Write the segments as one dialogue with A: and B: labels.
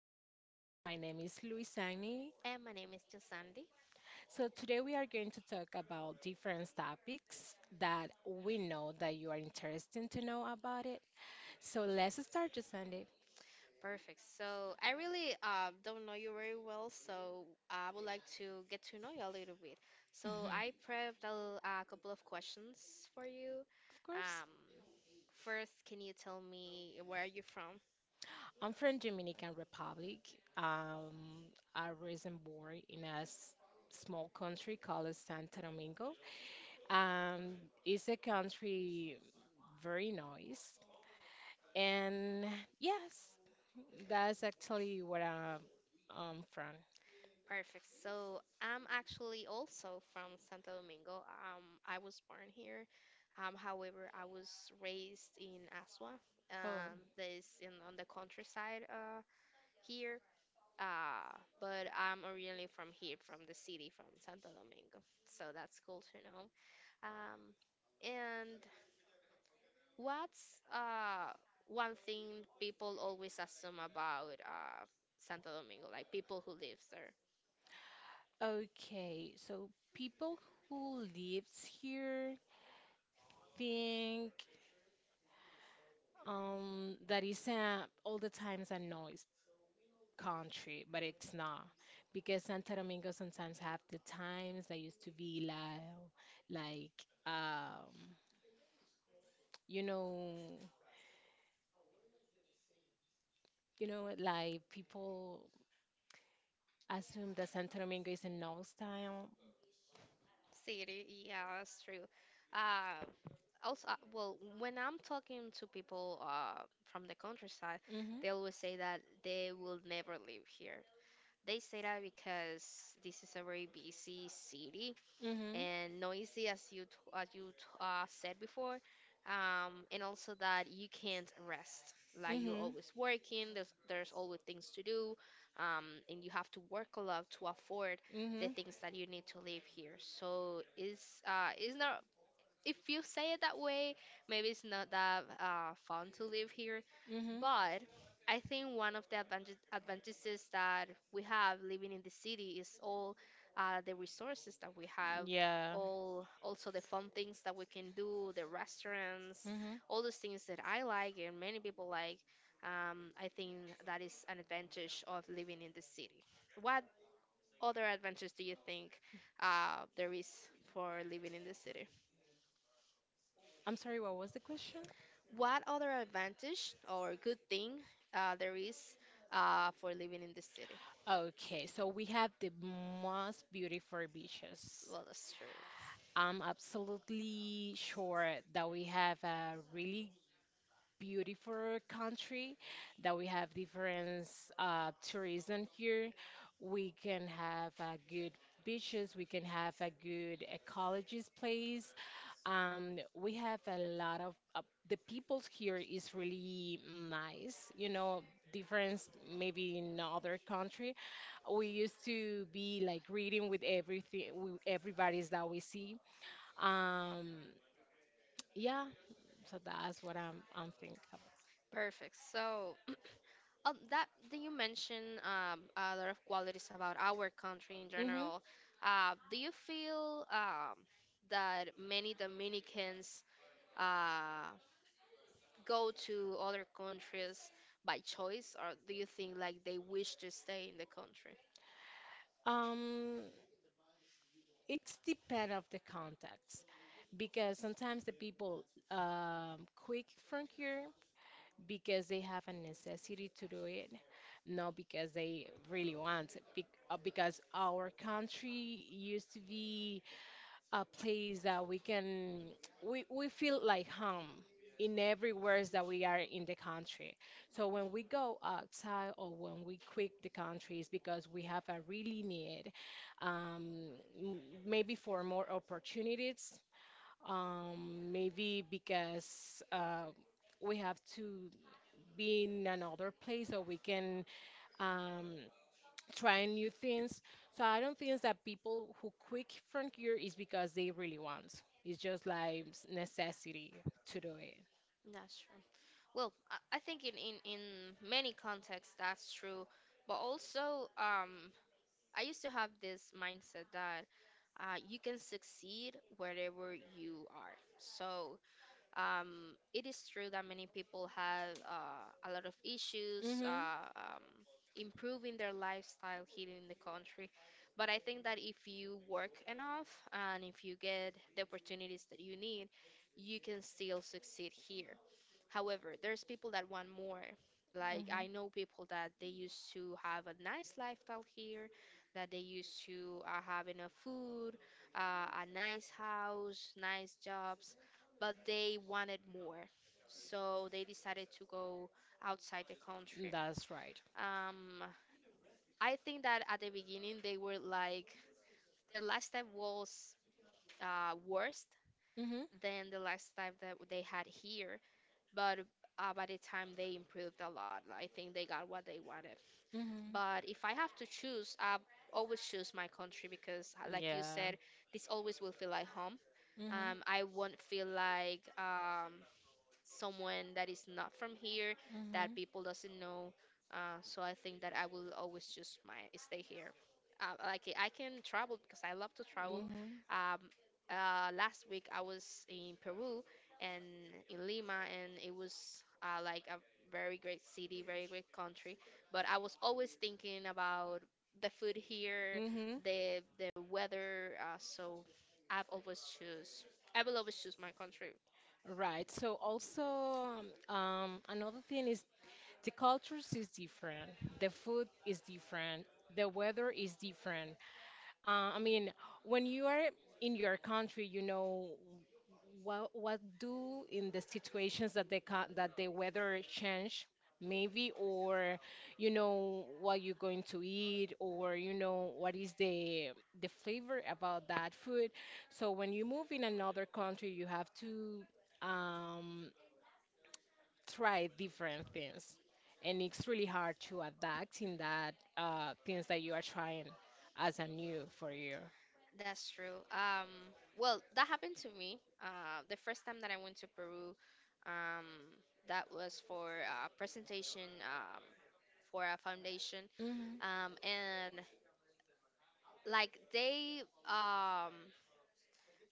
A: podcast. My name is Luisani. So today we are going to talk about different topics that we know that you are interested to know about it. So let's start, Sandy.
B: Perfect. So I really don't know you very well, so uh,
A: Hmm.
B: for you,
A: Of course.
B: um, first, can you tell me where are you from?
A: I'm from Dominican Republic. Um, I was born in a small country called Santo Domingo. Um, it's a country very nice. And yes, that's actually where I'm from.
B: Perfect. So I'm actually also from Santo Domingo. I was born here. However, I was raised in Asua.
A: Oh,
B: That is in on the countryside here. But I'm originally from here, from the city, from Santo Domingo. So that's cool to know. Um, and what's one thing people always assume about Santo Domingo, like people who live there?
A: okay. So people who lives here think that is all the times a noise country, but it's not because Santo Domingo sometimes have the times that used to be like um you know like people assume that Santo Domingo is a no style.
B: City, yeah, that's true. Uh, Also, well, when I'm talking to people from the countryside,
A: Mhm.
B: they always say that they will never live here. They say that because this is a very busy city
A: Mhm.
B: and noisy as you said before, and also that you can't rest, like you're
A: Mhm.
B: always working. There's always things to do, and you have to work a lot to afford the
A: Mhm.
B: things that you need to live here, so is not, if you say it that way, maybe it's not that fun to live here.
A: Mhm.
B: But I think one of the advantages that we have living in the city is all the resources that we have,
A: Yeah.
B: all also the fun things that we can do, the restaurants,
A: Mhm.
B: all those things that I like and many people like. I think that is an advantage of living in the city. What other advantages do you think there is for living in the city?
A: I'm sorry, what was the question?
B: What other advantage or good thing there is for living in the city?
A: Okay, so we have the most beautiful beaches.
B: Well, that's true.
A: I'm absolutely sure that we have a really beautiful country, that we have different tourism here. We can have a good beaches. We can have a good ecologist place. We have a lot of the people here is really nice. You know, difference maybe in other country. We used to be like reading with everything, with everybody's that we see. Um, yeah, so that's what I'm thinking about.
B: Perfect. So, that you mentioned a lot of qualities about our country in
A: Mm-hmm.
B: general. Do you feel, that many Dominicans uh, go to other countries by choice, or do you think like they wish to stay in the country?
A: Um, it's depend of the context, because sometimes the people quick from here because they have a necessity to do it, not because they really want it. Because our country used to be a place that we feel like home in everywhere that we are in the country. So when we go outside or when we quit the country, it's because we have a really need, um, maybe for more opportunities, maybe because we have to be in another place so we can um, trying new things. So I don't think that people who quit from here is because they really want. It's just like necessity to do it.
B: That's true. Well, I think in many contexts that's true, but also, I used to have this mindset that you can succeed wherever you are. So it is true that many people have a lot of issues
A: Mhm.
B: improving their lifestyle here in the country. But I think that if you work enough and if you get the opportunities that you need, you can still succeed here. However, there's people that want more. Like I
A: Mhm.
B: know people that they used to have a nice lifestyle here, that they used to have enough food, a nice house, nice jobs, but they wanted more. So they decided to go outside the country.
A: That's right.
B: Um, I think that at the beginning they were like, the last time was worse
A: Mhm.
B: than the last time that they had here, but by the time they improved a lot, I think they got what they wanted.
A: Mhm.
B: But if I have to choose, I always choose my country because, like you
A: Yeah.
B: said, this always will feel like home.
A: Mhm.
B: I won't feel like, someone that is not from here, that
A: Mhm.
B: people doesn't know. So I think that I will always choose my stay here. Like I can travel because I love to travel.
A: Mhm.
B: Um, last week I was in Peru and in Lima, and it was like a very great city, very great country. But I was always thinking about the food here,
A: Mhm.
B: the weather. So I've always choose. I will always choose my country.
A: Right. So also, another thing is the cultures is different. The food is different. The weather is different. I mean, when you are in your country, you know what do in the situations that they can, that the weather change maybe, or you know what you're going to eat, or you know what is the flavor about that food. So when you move in another country you have to um try different things, and it's really hard to adapt in that things that you are trying as a new for you.
B: That's true. Well, that happened to me. The first time that I went to Peru, um, that was for a presentation, for a foundation,
A: Hmm.
B: and like they, um,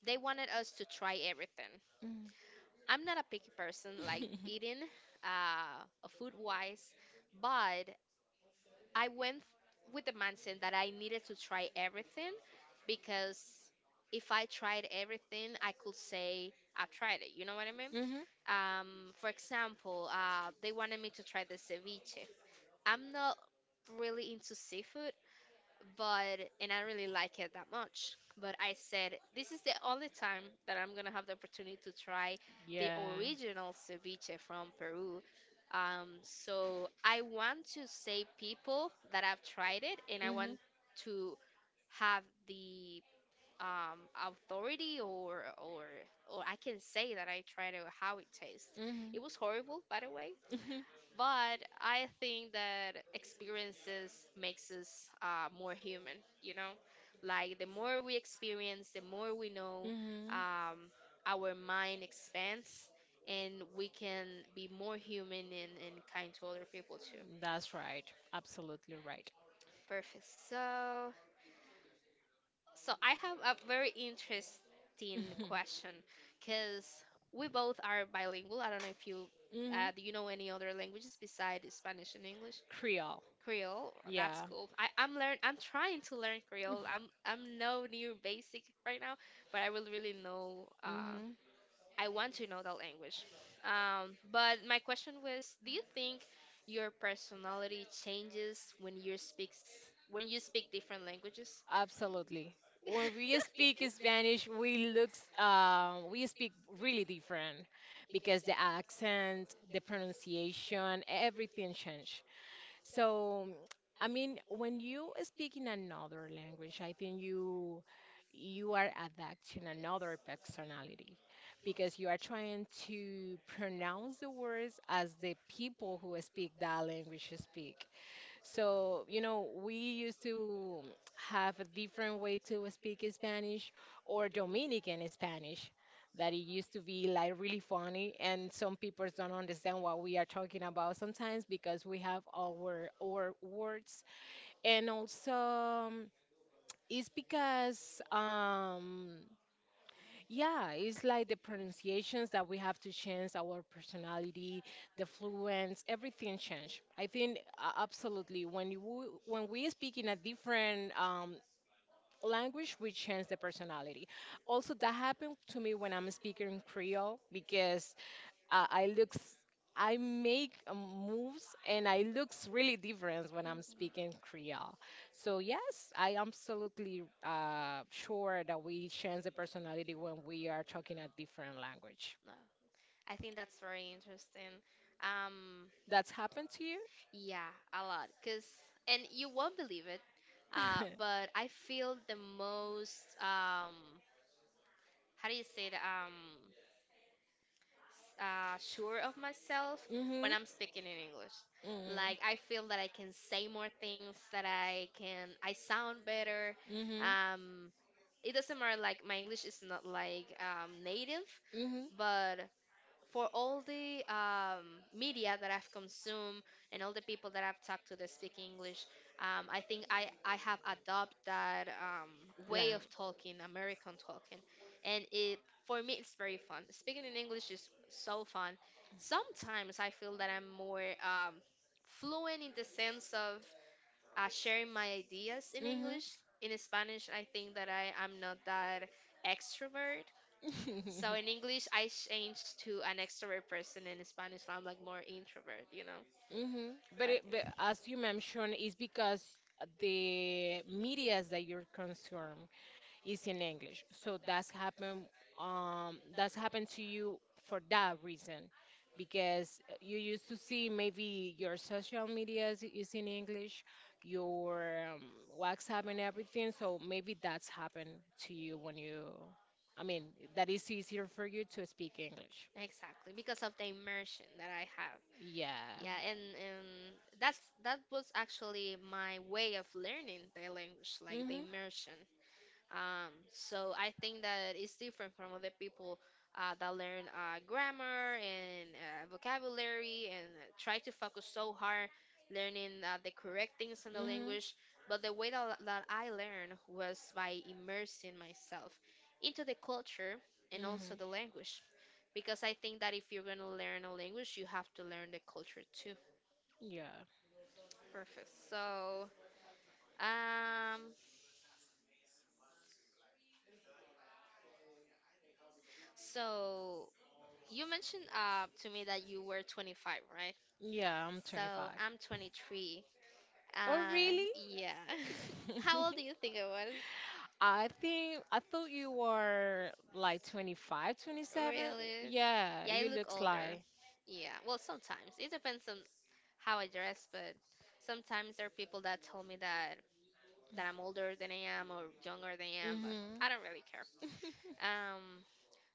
B: they wanted us to try everything.
A: Hmm.
B: I'm not a picky person, like eating, food wise, but I went with the mindset that I needed to try everything because if I tried everything, I could say I've tried it. You know what I mean?
A: Hmm.
B: For example, they wanted me to try the ceviche. I'm not really into seafood but and I really like it that much. But I said this is the only time that I'm gonna have the opportunity to try the
A: Yeah.
B: original ceviche from Peru. So I want to say people that have tried it, and I want
A: Hmm.
B: to have the, um, authority or or I can say that I tried it how it tastes.
A: Hmm.
B: It was horrible, by the way,
A: Hmm.
B: but I think that experiences makes us more human. You know, like the more we experience, the more we know.
A: Hmm.
B: Um, our mind expands, and we can be more human and kind to other people too.
A: That's right. Absolutely right.
B: Perfect. So, so I have a very interesting question because we both are bilingual. I don't know if you,
A: Hmm.
B: do you know any other languages besides Spanish and English?
A: Creole.
B: Creole. That's
A: Yeah.
B: cool. I, I'm learn. I'm trying to learn Creole. I'm no near basic right now, but I will really know.
A: Hmm.
B: I want to know that language. But my question was, do you think your personality changes when you speak different languages?
A: Absolutely. When we speak Spanish, we speak really different, because the accent, the pronunciation, everything change. So, I mean, when you speak in another language, I think you are adapting another personality, because you are trying to pronounce the words as the people who speak that language speak. So, you know, we used to have a different way to speak Spanish or Dominican Spanish that it used to be like really funny, and some people don't understand what we are talking about sometimes because we have our words. And also um, it's because yeah, it's like the pronunciations, that we have to change, our personality, the fluence, everything change. I think absolutely, when when we speak in a different language, we change the personality. Also, that happened to me when I'm speaking Creole, because uh, I looks I make moves, and I looks really different when I'm
B: Mhm.
A: speaking Creole. So yes, I absolutely sure that we change the personality when we are talking a different language.
B: No, I think that's very interesting. Um,
A: That's happened to you?
B: Yeah, a lot. Cause and you won't believe it, but I feel the most, how do you say that, sure of myself when
A: Mm-hmm.
B: I'm speaking in English. Like I
A: Mm-hmm.
B: feel that I can say more things, that I sound better.
A: Mm-hmm.
B: Um, it doesn't matter, like my English is not like native,
A: Mm-hmm.
B: but for all the media that I've consumed and all the people that I've talked to that speak English, I think I have adopted that, way of
A: Language.
B: talking, American talking. And it, for me, it's very fun. Speaking in English is so fun. Sometimes I feel that I'm more, fluent in the sense of sharing my ideas in
A: Mm-hmm.
B: English. In Spanish, I think that I'm not that extrovert. So in English, I changed to an extrovert person. In Spanish, I'm like more introvert, you know.
A: Hmm. But
B: But
A: it, but
B: yeah.
A: as you mentioned, it's because the medias that you're consume is in English. So that's happened to you for that reason, because you used to see maybe your social medias is in English, your WhatsApp and everything. So maybe that's happened to you when you I mean, that is easier for you to speak English.
B: Exactly, because of the immersion that I have.
A: Yeah.
B: Yeah, and that was actually my way of learning the language, like the
A: Mm-hmm.
B: immersion. So I think that it's different from other people that learn grammar and vocabulary and try to focus so hard learning the correct things in the
A: Mhm.
B: language. But the way that I learned was by immersing myself into the culture and also
A: Mhm.
B: the language. Because I think that if you're going to learn a language, you have to learn the culture too.
A: Yeah.
B: Perfect. So, um, so you mentioned to me that you were 25, right?
A: Yeah, I'm
B: So
A: 25.
B: I'm 23.
A: Oh,
B: Uh,
A: really?
B: yeah. How old do you think I was?
A: I think I thought you were like 25, 27.
B: Really?
A: Yeah,
B: Yeah, I
A: you
B: look
A: looks
B: older.
A: like.
B: Yeah. Well, sometimes it depends on how I dress, but sometimes there are people that tell me that I'm older than I am or younger than I am, but
A: Mhm.
B: I don't really care. Um,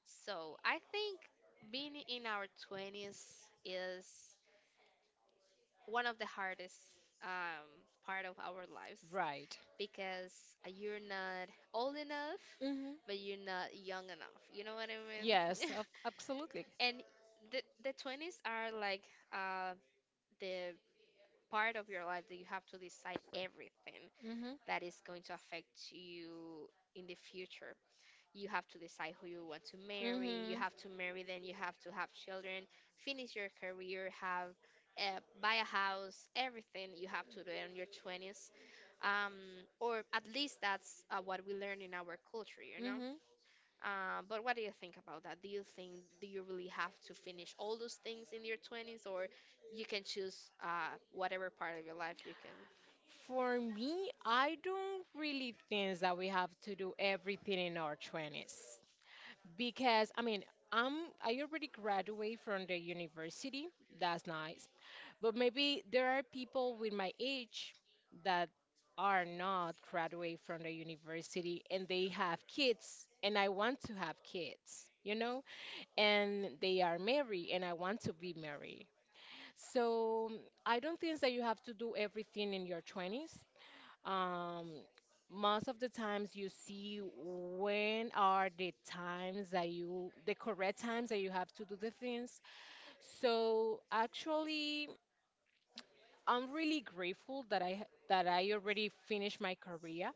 B: so I think being in our 20s is one of the hardest, um, part of our lives
A: Right.
B: because you're not old enough,
A: Mhm.
B: but you're not young enough. You know what I mean?
A: Yes, absolutely.
B: And the 20s are like uh, the part of your life that you have to decide everything
A: Mhm.
B: that is going to affect you in the future. You have to decide who you want to marry, you
A: Mhm.
B: have to marry, then you have to have children, finish your career, have, buy a house, everything you have to do in your 20s, um, or at least that's what we learn in our culture, you know.
A: Mhm.
B: But what do you think about that? Do you think do you really have to finish all those things in your 20s, or you can choose whatever part of your life you can.
A: For me, I don't really think that we have to do everything in our 20s, because I mean, I'm I already graduate from the university. That's nice. But maybe there are people with my age that are not graduate from the university, and they have kids and I want to have kids, you know? And they are married and I want to be married. So I don't think that you have to do everything in your 20s. um Most of the times you see when are the times, that you the correct times that you have to do the things. So actually I'm really grateful that I already finished my career,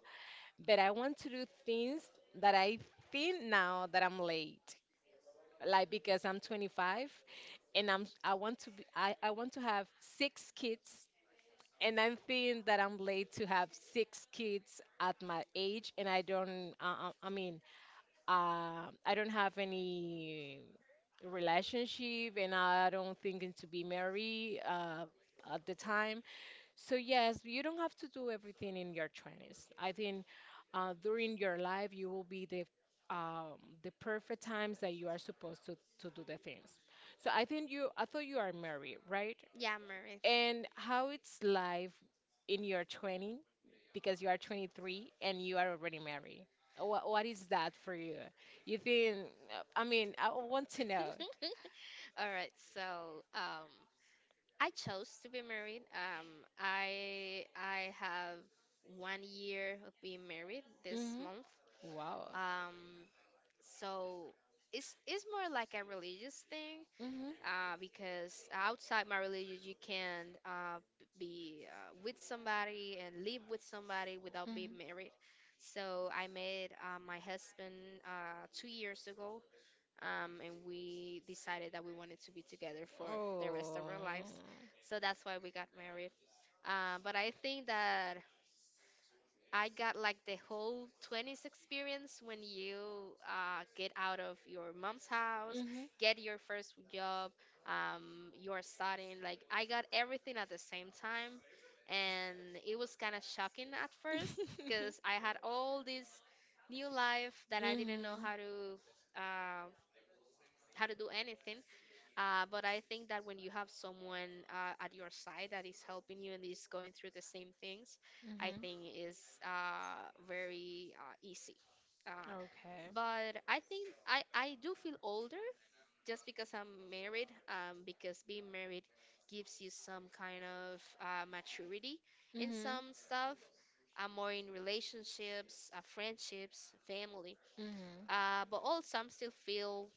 A: but I want to do things that I think now that I'm late, like because I'm 25, and I'm I want to be I want to have six kids, and I'm feeling that I'm late to have six kids at my age, and I don't. I mean, I don't have any relationship, and I don't thinking to be married at the time. So yes, you don't have to do everything in your 20s. I think during your life, you will be um, the perfect times that you are supposed to do the things. So I think I thought you are married, right?
B: Yeah, married.
A: And how it's life in your 20, because you are 23 and you are already married. What is that for you? You think, I mean, I want to know.
B: All right, so I chose to be married. I have 1 year of being married this
A: Hmm.
B: month.
A: Wow.
B: Um, so it's more like a religious thing,
A: Hmm.
B: because outside my religion you can be with somebody and live with somebody without being
A: Hmm.
B: married. So I met my husband 2 years ago, and we decided that we wanted to be together for the rest
A: Oh.
B: of our lives. So that's why we got married. But I think that I got like the whole 20s experience when you get out of your mom's house,
A: Hmm.
B: get your first job, you're studying. Like, I got everything at the same time. And it was kind of shocking at first because I had all this new life that I didn't know
A: Hmm.
B: how to. Uh, how to do anything but I think that when you have someone at your side that is helping you and is going through the same things, I think is very easy.
A: Hmm.
B: Uh,
A: Okay.
B: but I think I do feel older just because I'm married, because being married gives you some kind of maturity in
A: Mhm.
B: some stuff. I'm more in relationships, friendships, family.
A: Mhm.
B: But also, I'm still feel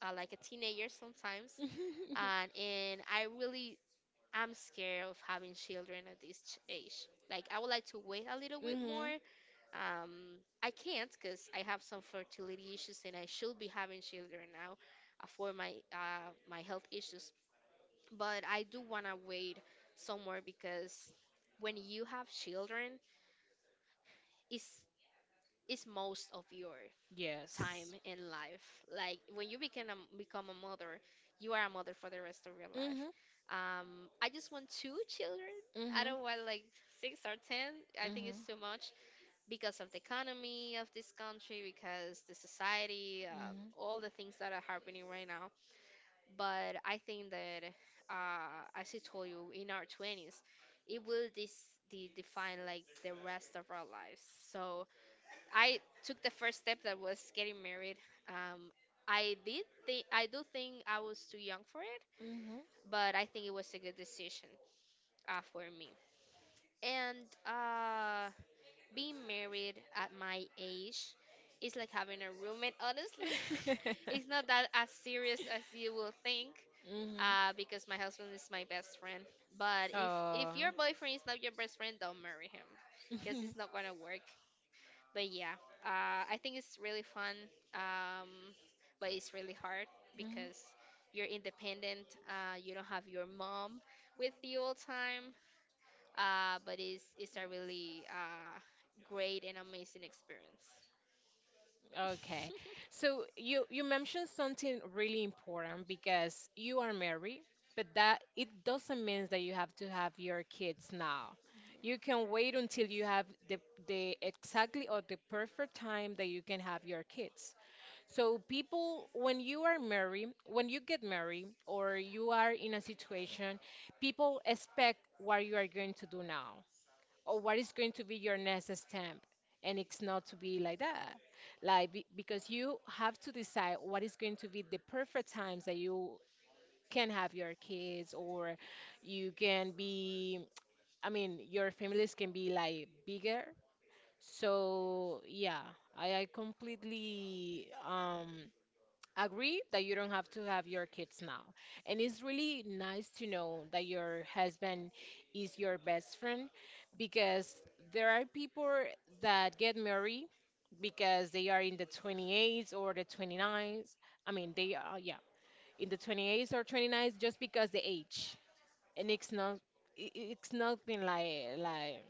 B: like a teenager sometimes, and and I really am scared of having children at this age. Like, I would like to wait a little bit more.
A: Mhm.
B: I can't because I have some fertility issues and I should be having children now, for my my health issues. But I do wanna wait somewhere because when you have children, it's it's most of yours time
A: Yes.
B: in life. Like when you become become a mother, you are a mother for the rest of your life.
A: Mhm.
B: I just want two children. I
A: Mhm.
B: don't want like six or ten. I think it's
A: Mhm.
B: too much because of the economy of this country,
A: Mhm.
B: because the society, all the things that are happening right now. But I think that, as I told you, in our twenties, it will this define like the rest of our lives. So I took the first step that was getting married. Um, I do think I was too young for it,
A: Mhm.
B: but I think it was a good decision for me. And uh, Being married at my age is like having a roommate. Honestly, it's not that as serious as you will think.
A: Mhm.
B: Because my husband is my best friend. But if
A: Oh.
B: if your boyfriend is not your best friend, don't marry him, because it's not gonna work. But yeah, I think it's really fun, um, but it's really hard
A: Mhm.
B: because you're independent. You don't have your mom with you all time. But it's a really great and amazing experience.
A: Okay. So you mentioned something really important, because you are married, but that it doesn't mean that you have to have your kids now. You can wait until you have the exactly or the perfect time that you can have your kids. So people, when you are married, when you get married or you are in a situation, people expect what you are going to do now, or what is going to be your next step, and it's not to be like that, like because you have to decide what is going to be the perfect times that you can have your kids, or you can be I mean, your families can be like bigger. So yeah, I completely agree that you don't have to have your kids now. And it's really nice to know that your husband is your best friend, because there are people that get married because they are in the 28s or the 29s. I mean, they are, yeah, in the 28s or 29s just because the age. And it's not, it's nothing like,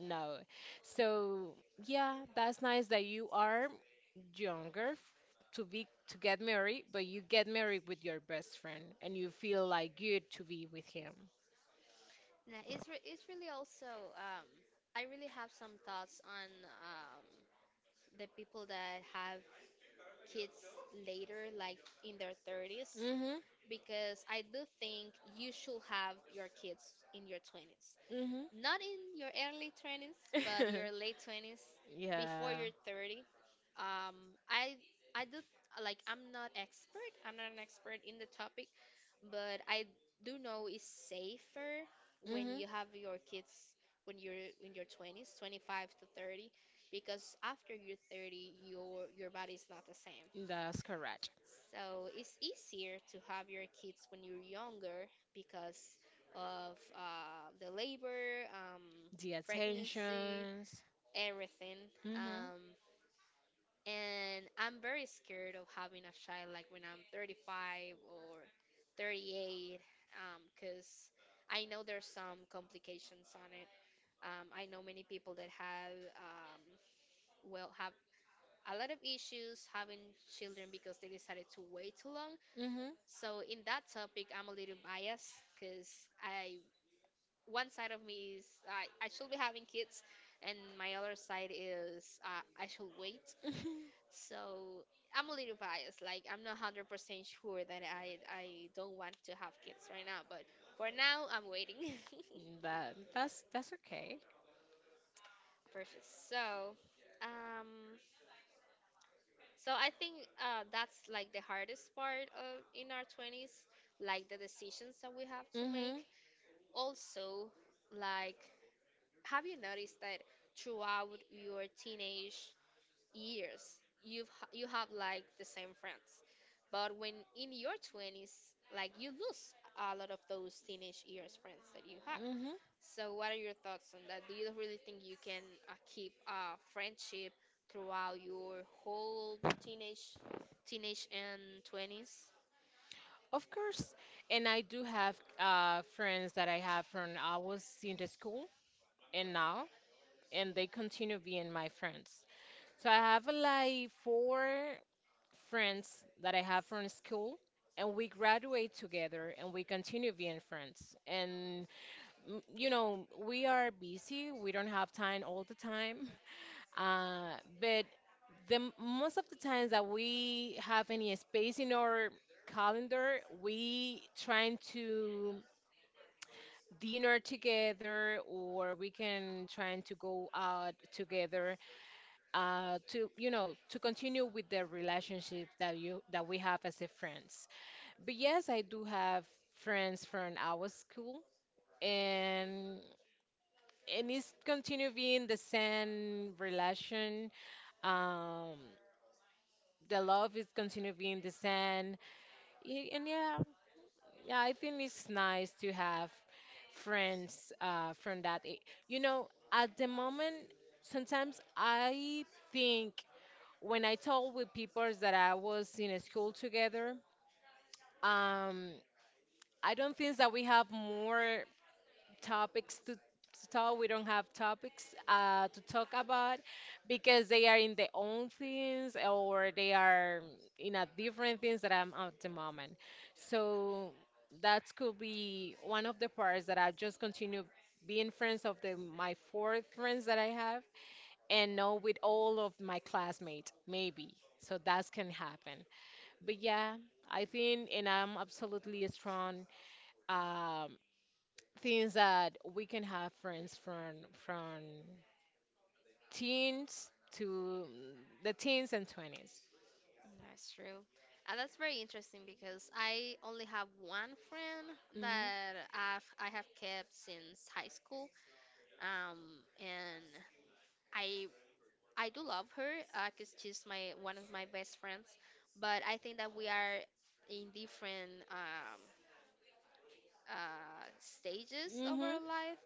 A: no. So, yeah, that's nice that you are younger to be to get married, but you get married with your best friend and you feel like good to be with him.
B: Yeah, it's really also, um I really have some thoughts on, um the people that have kids later, like in their 30s,
A: Mhm.
B: because I do think you should have your kids in your 20s.
A: Mhm.
B: Not in your early 20s, but your late 20s before
A: Yeah.
B: you're 30. Um, I I do like I'm not expert. I'm not an expert in the topic, but I do know it's safer when
A: Mhm.
B: you have your kids when you're in your 20s, 25 to 30, because after you're 30, your body's not the same.
A: That's correct.
B: So it's easier to have your kids when you're younger because of the labor,
A: The
B: pregnancy,
A: attentions.
B: everything.
A: Mhm.
B: Um, and I'm very scared of having a child like when I'm 35 or 38 because I know there's some complications on it. I know many people that have, have a lot of issues having children because they decided to wait too long.
A: Mhm.
B: So in that topic, I'm a little biased because I, one side of me is I should be having kids, and my other side is, I should wait. So I'm a little biased. Like, I'm not 100% sure that I don't want to have kids right now, but for now I'm waiting.
A: That's okay.
B: Perfect. So, um, so I think that's like the hardest part of in our twenties, like the decisions that we have to make.
A: Mhm.
B: Also, like, have you noticed that throughout your teenage years, you have like the same friends, but when in your 20s, like you lose a lot of those teenage years friends that you had.
A: Mhm.
B: So what are your thoughts on that? Do you really think you can keep a friendship throughout your whole teenage and 20s?
A: Of course. And I do have friends that I have from I was in the school, and now, and they continue being my friends. So I have like four friends that I have from school, and we graduate together and we continue being friends. And you know, we are busy, we don't have time all the time, but the most of the times that we have any space in our calendar, we trying to dinner together or we can trying to go out together, to you know to continue with the relationship that we have as a friends. But yes, I do have friends from our school, and and it's continue being the same relation. Um, the love is continue being the same. And yeah, I think it's nice to have friends from that. You know, at the moment, sometimes I think when I talk with people that I was in a school together, um, I don't think that we have more topics to talk. We don't have topics to talk about, because they are in their own things, or they are in a different things that I'm at the moment. So that could be one of the parts that I just continue being friends of the my four friends that I have, and know with all of my classmates, maybe. So that can happen but yeah, I think, and I'm absolutely strong. Um, things that we can have friends from teens to the teens and 20s.
B: That's true. And that's very interesting because I only have one friend that I have kept since high school. Um, and I do love her because she's my one of my best friends. But I think that we are in different stages
A: Hmm.
B: of
A: Hmm.
B: our life,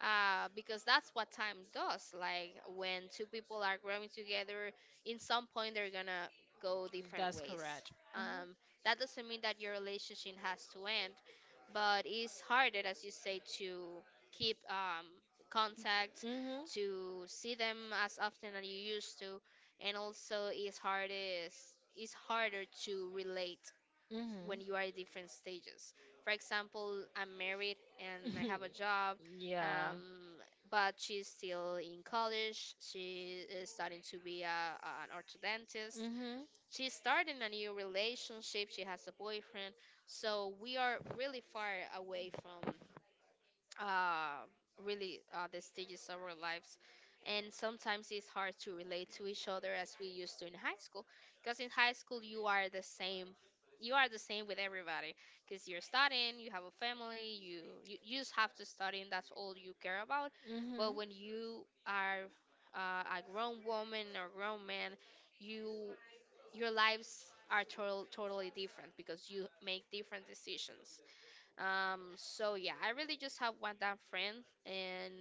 B: because that's what time does. Like when two people are growing together, in some point they're gonna go different
A: That's
B: ways.
A: correct. Hmm.
B: Um, that doesn't mean that your relationship has to end, but it's harder, as you say, to keep contact,
A: Hmm.
B: to see them as often as you used to, and also it's harder to relate
A: Hmm.
B: when you are at different stages. For example, I'm married and I have a job,
A: Yeah.
B: um, but she's still in college. She is starting to be an orthodontist.
A: Hmm.
B: She's starting a new relationship. She has a boyfriend. So we are really far away from uh, really the stages of our lives. And sometimes it's hard to relate to each other as we used to in high school, because in high school you are the same. You are the same with everybody, because you're studying, you have a family, you just have to study, and that's all you care about. But
A: Hmm.
B: when you are, a grown woman or grown man, you your lives are totally different because you make different decisions. So yeah, I really just have one damn friend, and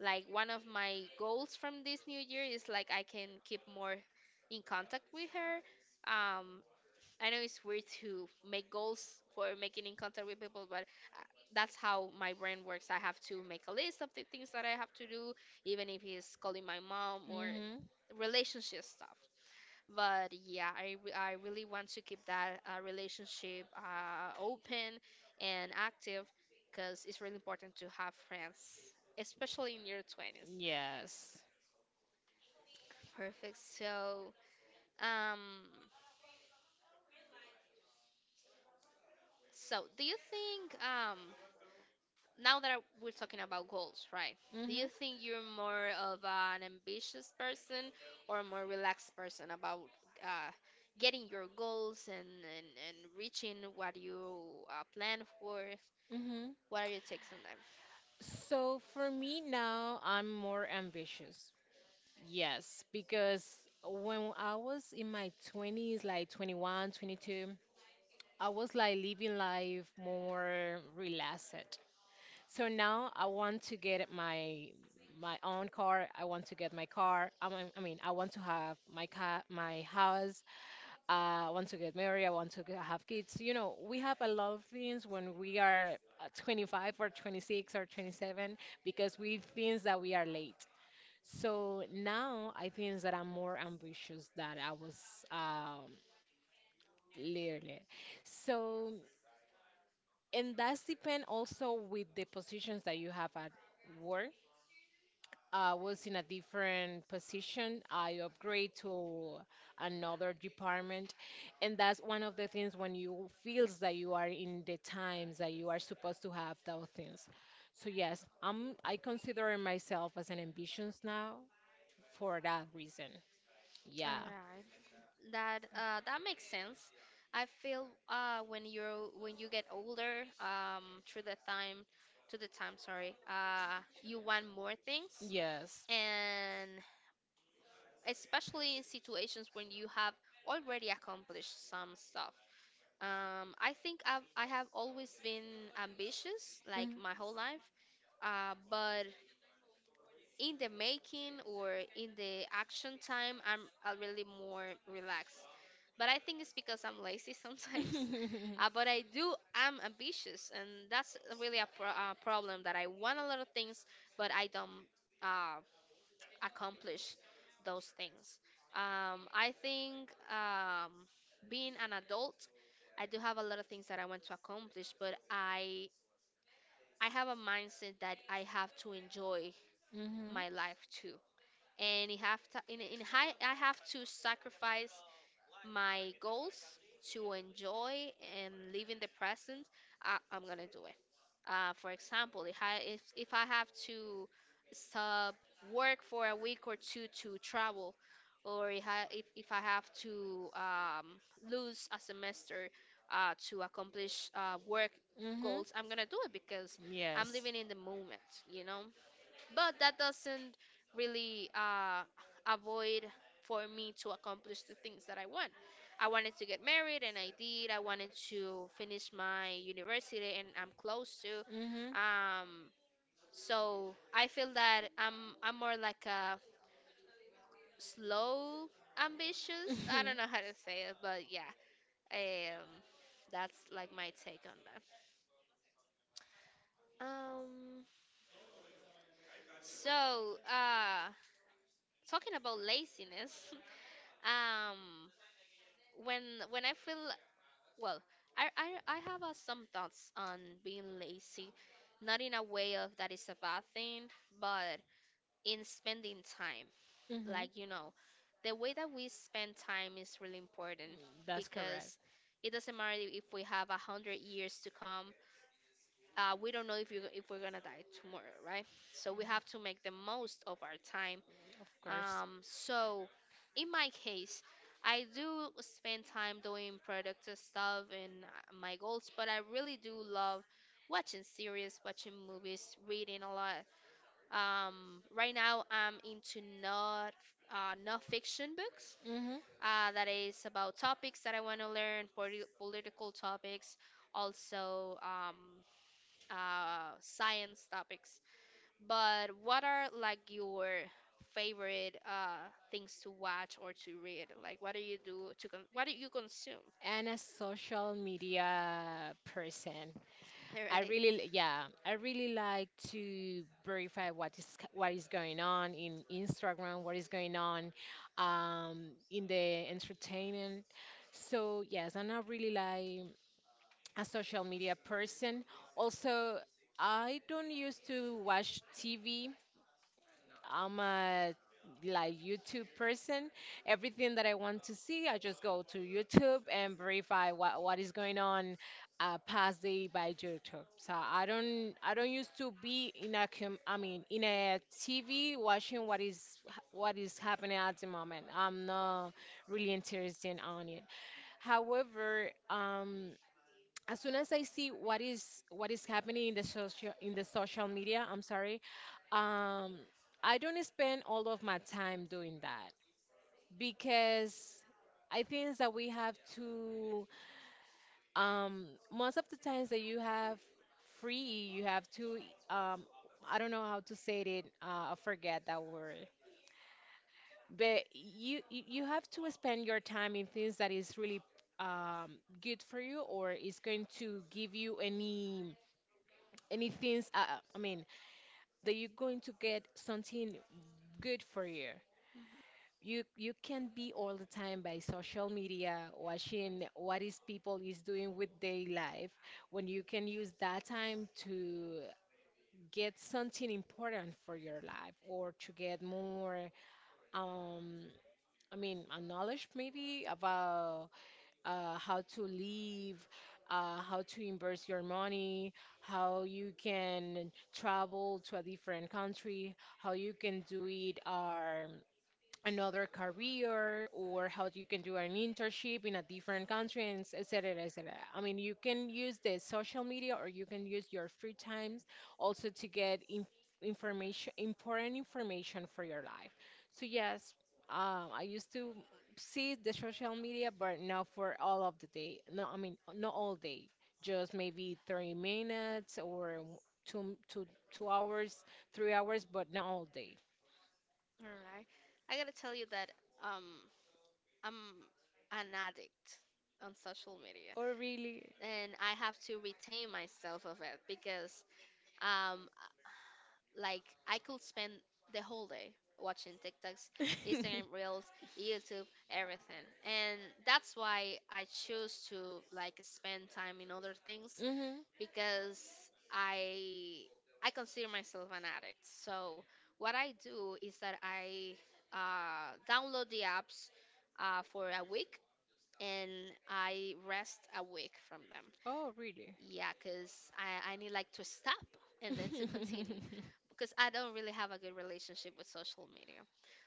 B: like one of my goals from this new year is like I can keep more in contact with her. Um, I know it's weird to make goals for making in contact with people, but uh, that's how my brain works. I have to make a list of the things that I have to do, even if it's calling my mom or
A: Hmm.
B: relationship stuff. But yeah, I really want to keep that relationship open and active because it's really important to have friends, especially in your 20s.
A: Yes.
B: Perfect. So, um, so do you think, now that we're talking about goals, right? Do
A: Hmm.
B: you think you're more of an ambitious person or a more relaxed person about uh, getting your goals and, reaching what you plan for?
A: Hmm.
B: What are your takes on that?
A: So for me now, I'm more ambitious. Yes, because when I was in my 20s, like 21, 22, I was like living life more relaxed. So now I want to get my own car. I want to get my car. I mean, I want to have my car, my house. Want to get married, I want to have kids. You know, we have a lot of things when we are, 25 or 26 or 27 because we think that we are late. So now I think that I'm more ambitious than I was, um, later. So, and that's depend also with the positions that you have at work. I was in a different position. I upgrade to another department. And that's one of the things when you feels that you are in the times that you are supposed to have those things. So yes, I consider myself as an ambitious now for that reason.
B: All
A: Yeah.
B: right, that that makes sense. I feel, when you're when you get older, to the time, sorry, you want more things,
A: Yes.
B: and especially in situations when you have already accomplished some stuff. I think I have always been ambitious, like
A: Mhm.
B: my whole life, but in the making or in the action time, I'm already more relaxed. But I think it's because I'm lazy sometimes. But I do, I'm ambitious, and that's really a problem that I want a lot of things, but I don't uh, accomplish those things. I think being an adult, I do have a lot of things that I want to accomplish, but I have a mindset that I have to enjoy
A: Mhm.
B: my life too, and it have to, I have to sacrifice my goals to enjoy and live in the present. I'm gonna do it. For example, if I have to stop work for a week or two to travel, or if I have to lose a semester to accomplish work
A: Mm-hmm.
B: goals, I'm gonna do it because I'm
A: Yes.
B: living in the moment, you know, but that doesn't really avoid for me to accomplish the things that I want. I wanted to get married and I did. I wanted to finish my university and I'm close to.
A: Mm-hmm.
B: Um, so I feel that I'm more like a slow ambitious. I
A: Mm-hmm.
B: don't know how to say it, but yeah. Um, that's like my take on that. Um, so talking about laziness, um when when I feel well, I have some thoughts on being lazy, not in a way of that is a bad thing, but in spending time.
A: Mm-hmm.
B: Like, you know, the way that we spend time is really important
A: That's correct.
B: because it doesn't matter if we have 100 years to come. We don't know if you if we're gonna die tomorrow, right? So we have to make the most of our time,
A: Of course.
B: so in my case, I do spend time doing productive stuff and my goals, but I really do love watching series, watching movies, reading a lot. Right now I'm into not fiction books.
A: Mm-hmm.
B: That is about topics that I want to learn, political topics, also science topics. But what are like your favorite things to watch or to read? Like what do you do to con what do you consume?
A: And a social media person.
B: All
A: I
B: right.
A: really, yeah, I really like to verify what is, what is going on in Instagram, what is going on, in the entertainment. So yes, and I really like a social media person. Also, I don't used to watch TV. I'm a like YouTube person. Everything that I want to see, I just go to YouTube and verify what is going on, past day by YouTube. So I don't used to be in a, I mean in a TV watching what is happening at the moment. I'm not really interested on it. However, as soon as I see what is happening in the social media, I'm sorry, um, I don't spend all of my time doing that because I think that we have to, most of the times that you have free, you have to, um, I don't know how to say it. I forget that word, but you have to spend your time in things that is really, um, good for you or is going to give you anything, I mean that you're going to get something good for you. You can't be all the time by social media watching what is people is doing with their life when you can use that time to get something important for your life or to get more, um I mean a knowledge maybe about, how to live, how to invest your money, how you can travel to a different country, how you can do it. Another career or how you can do an internship in a different country and, et cetera, et cetera. I mean, you can use the social media or you can use your free times also to get in, information, important information for your life. So yes, I used to see the social media, but not for all of the day. No, I mean, not all day, just maybe 30 minutes or, two, two, 2 hours, 3 hours, but not all day.
B: All right. I gotta tell you that, um I'm an addict on social media
A: Or really?
B: and I have to retain myself of it because, um like I could spend the whole day watching TikToks, Instagram Reels, YouTube, everything. And that's why I choose to like spend time in other things
A: Mm-hmm.
B: because I I consider myself an addict. So what I do is that I download the apps for a week and I rest a week from them.
A: Oh, really?
B: Yeah, because I need like to stop and then to continue because I don't really have a good relationship with social media.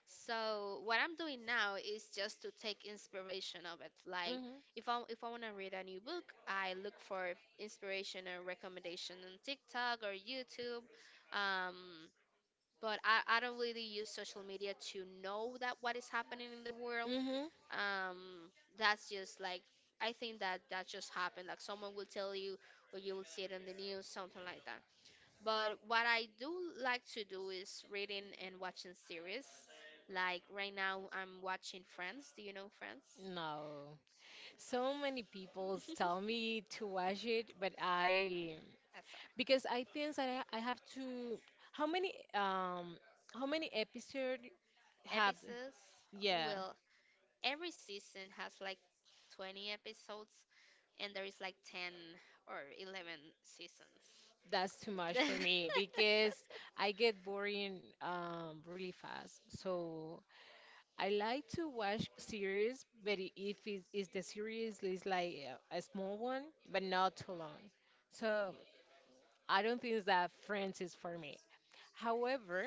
B: So what I'm doing now is just to take inspiration of it. Like
A: Mm-hmm.
B: if I want to read a new book, I look for inspiration and recommendation on TikTok or YouTube. Um, but I don't really use social media to know that what is happening in the world.
A: Mm-hmm.
B: Um, that's just like I think that that just happened. Like someone will tell you, or you will see it on the news, something like that. But what I do like to do is reading and watching series. Like right now, I'm watching Friends. Do you know Friends?
A: No. So many people tell me to watch it, but I,
B: That's all.
A: because I think that I have to, how many um how many episodes
B: Right.
A: have,
B: Episodes.
A: yeah,
B: Well, every season has like 20 episodes, and there is like 10 or 11 seasons.
A: that's too much for me because I get boring, really fast. So I like to watch series, but, if it's, if the series is like, a small one, but not too long. So I don't think that Friends is for me. However,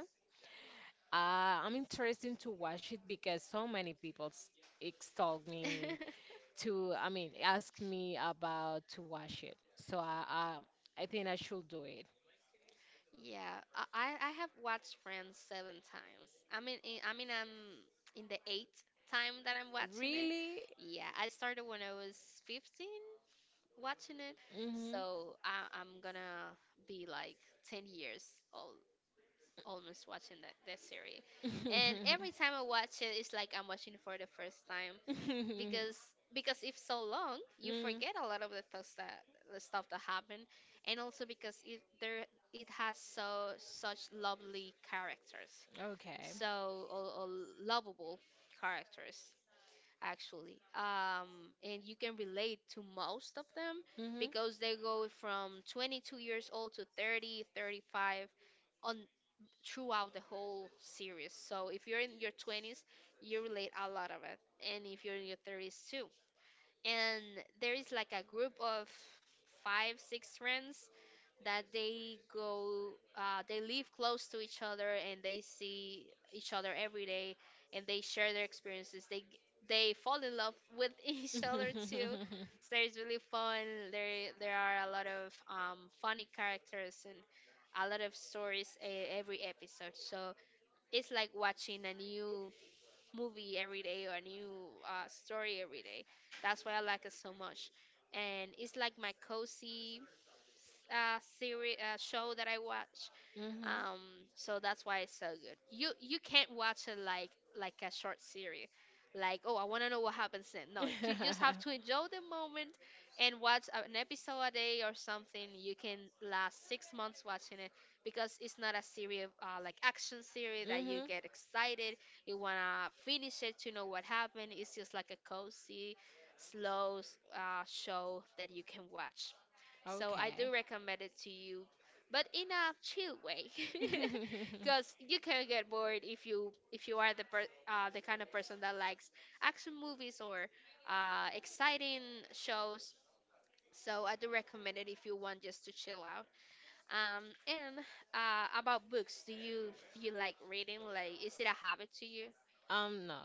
A: uh, I'm interested to watch it because so many people, extolled me to, I mean, ask me about to watch it. So I think I should do it.
B: Yeah, I have watched Friends seven times. I mean, I'm in the eighth time that I'm watching it.
A: Really?
B: Yeah, I started when I was 15 watching it,
A: Hmm.
B: so I'm gonna be like 10 years old almost watching that series. And every time I watch it, it's like I'm watching it for the first time. because because if so long you
A: Mm.
B: forget a lot of the stuff that happened, and also because it has such lovely characters
A: Okay.
B: so or lovable characters actually, and you can relate to most of them
A: Mhm.
B: because they go from 22 years old to thirty thirty five, on throughout the whole series. So if you're in your 20s you relate a lot of it, and if you're in your 30s too. And there is like a group of five six friends that they live close to each other and they see each other every day, and they share their experiences, they fall in love with each other too.
A: Mhm.
B: So it's really fun. There are a lot of funny characters and a lot of stories every episode, so it's like watching a new movie every day or a new story every day. That's why I like it so much. And it's like my cozy series show that I watch. Um, so that's why it's so good. You can't watch it like a short series, like, oh, I want to know what happens then.
A: Mhm.
B: No, you just have to enjoy the moment and watch an episode a day or something. You can last 6 months watching it because it's not a series, like action series that you get excited. You wanna finish it to know what happened. It's just like a cozy, slow show that you can watch. So I
A: Okay.
B: do recommend it to you, but in a chill way, because you can get bored if you are the kind of person that likes action movies or exciting shows. So I do recommend it if you want just to chill out. And about books, do you like reading? Like, is it a habit to you?
A: No.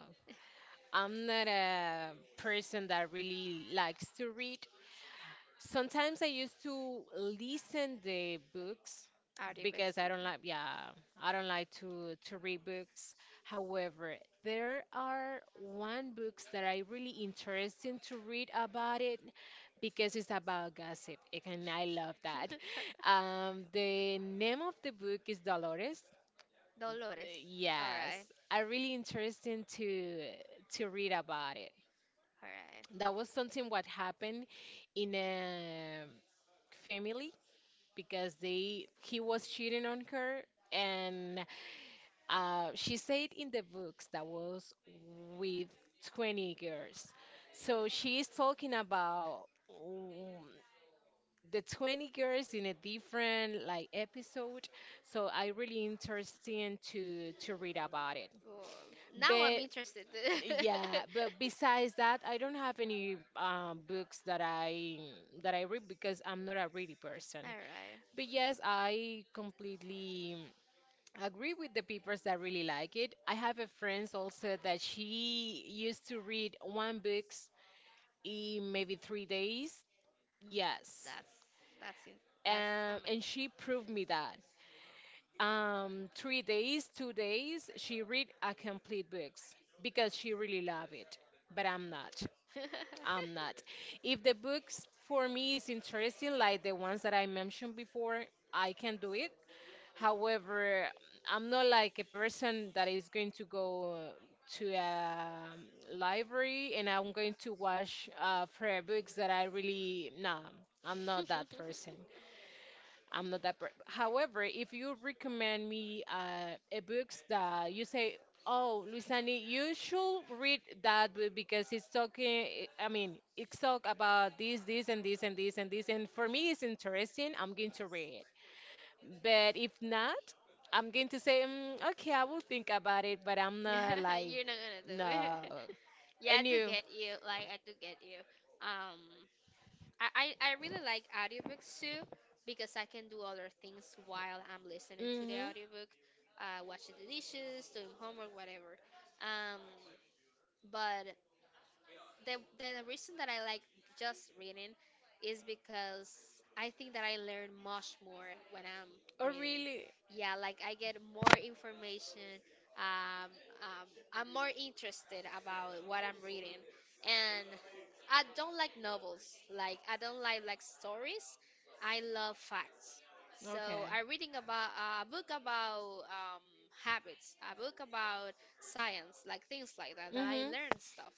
A: I'm not a person that really likes to read. Sometimes I used to listen the books because
B: Audiobooks.
A: I don't like, yeah, I don't like to read books. However, there are one books that I really interesting to read about it because it's about gossip and I love that. The name of the book is Dolores.
B: Dolores. All
A: Yes,
B: right,
A: I really interesting to read about it.
B: all right.
A: That was something what happened in a family because they he was cheating on her and, she said in the books that was with 20 girls. So she is talking about, the 20 girls in a different like episode, so I really interesting to read about it.
B: Well, now I'm
A: But
B: interested.
A: yeah, but besides that I don't have any, books that i read because I'm not a ready person.
B: All right.
A: But yes, I completely agree with the papers that really like it. I have a friend also that she used to read one books in maybe 3 days. Yes.
B: That's that's in, that's
A: And she
B: amazing.
A: proved me that. 3 days, 2 days, she read a complete books because she really love it. But I'm not. I'm not. If the books for me is interesting, like the ones that I mentioned before, I can do it. However, I'm not like a person that is going to go to a library and I'm going to watch, prayer books that I really, nah, I'm not that person. I'm not that. Per However, if you recommend me, a books that you say, oh, Luisani, you should read that book because it's talking. I mean, it's talk about this, this, and this, and this, and this. And for me, it's interesting. I'm going to read, but if not, I'm going to say, mm, okay, I will think about it, but I'm not like,
B: You're not gonna do
A: no.
B: it. Yeah, I
A: And
B: do
A: you?
B: get you. Like I do get you. Um, I really like audiobooks too because I can do other things while I'm listening to the
A: Mm-hmm.
B: audiobook, washing the dishes, doing homework, whatever. Um, but the reason that I like just reading is because I think that I learn much more when I'm
A: Oh,
B: reading.
A: really?
B: Yeah, like I get more information. Um, um, I'm more interested about what I'm reading, and I don't like novels. Like I don't like stories. I love facts.
A: Okay.
B: So I'm reading about a book about habits, a book about science, like things like that, that I
A: Mm-hmm.
B: learn stuff.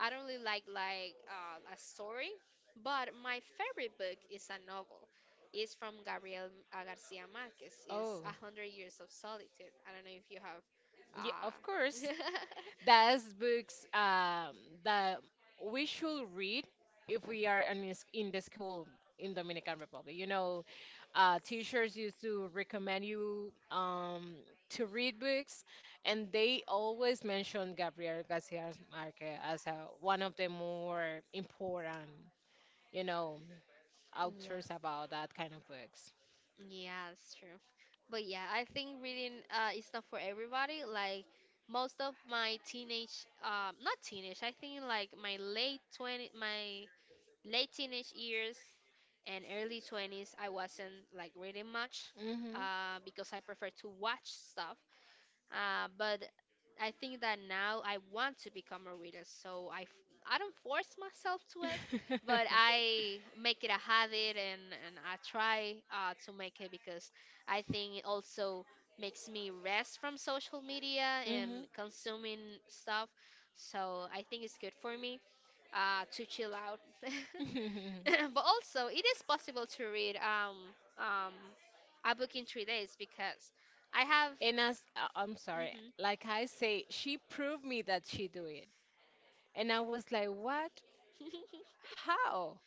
B: I don't really like like a story, but my favorite book is a novel. It's from Gabriel Garcia Marquez. It's
A: Oh,
B: A Hundred Years of Solitude. I don't know if you have.
A: yeah, of course.
B: Uh,
A: That's books, that we should read if we are in, the, in the school in Dominican Republic. You know, teachers used to recommend you, to read books, and they always mention Gabriel Garcia Marquez as a, one of the more important, you know, authors
B: yeah,
A: about that kind of books.
B: yeah, it's true. But yeah, I think reading is not for everybody. Like most of my teenage, not teenage. I think like my late teenage years and early 20s I wasn't like reading much,
A: Hmm.
B: because I prefer to watch stuff, but I think that now I want to become a reader, so I don't force myself to it, but I make it a habit, and I try to make it because I think it also makes me rest from social media and
A: Hmm.
B: consuming stuff. So I think it's good for me to chill out. But also, it is possible to read a book in 3 days, because I have.
A: And as, I'm sorry,
B: Mhm.
A: like I say, she proved me that she do it, and I was like, what? How?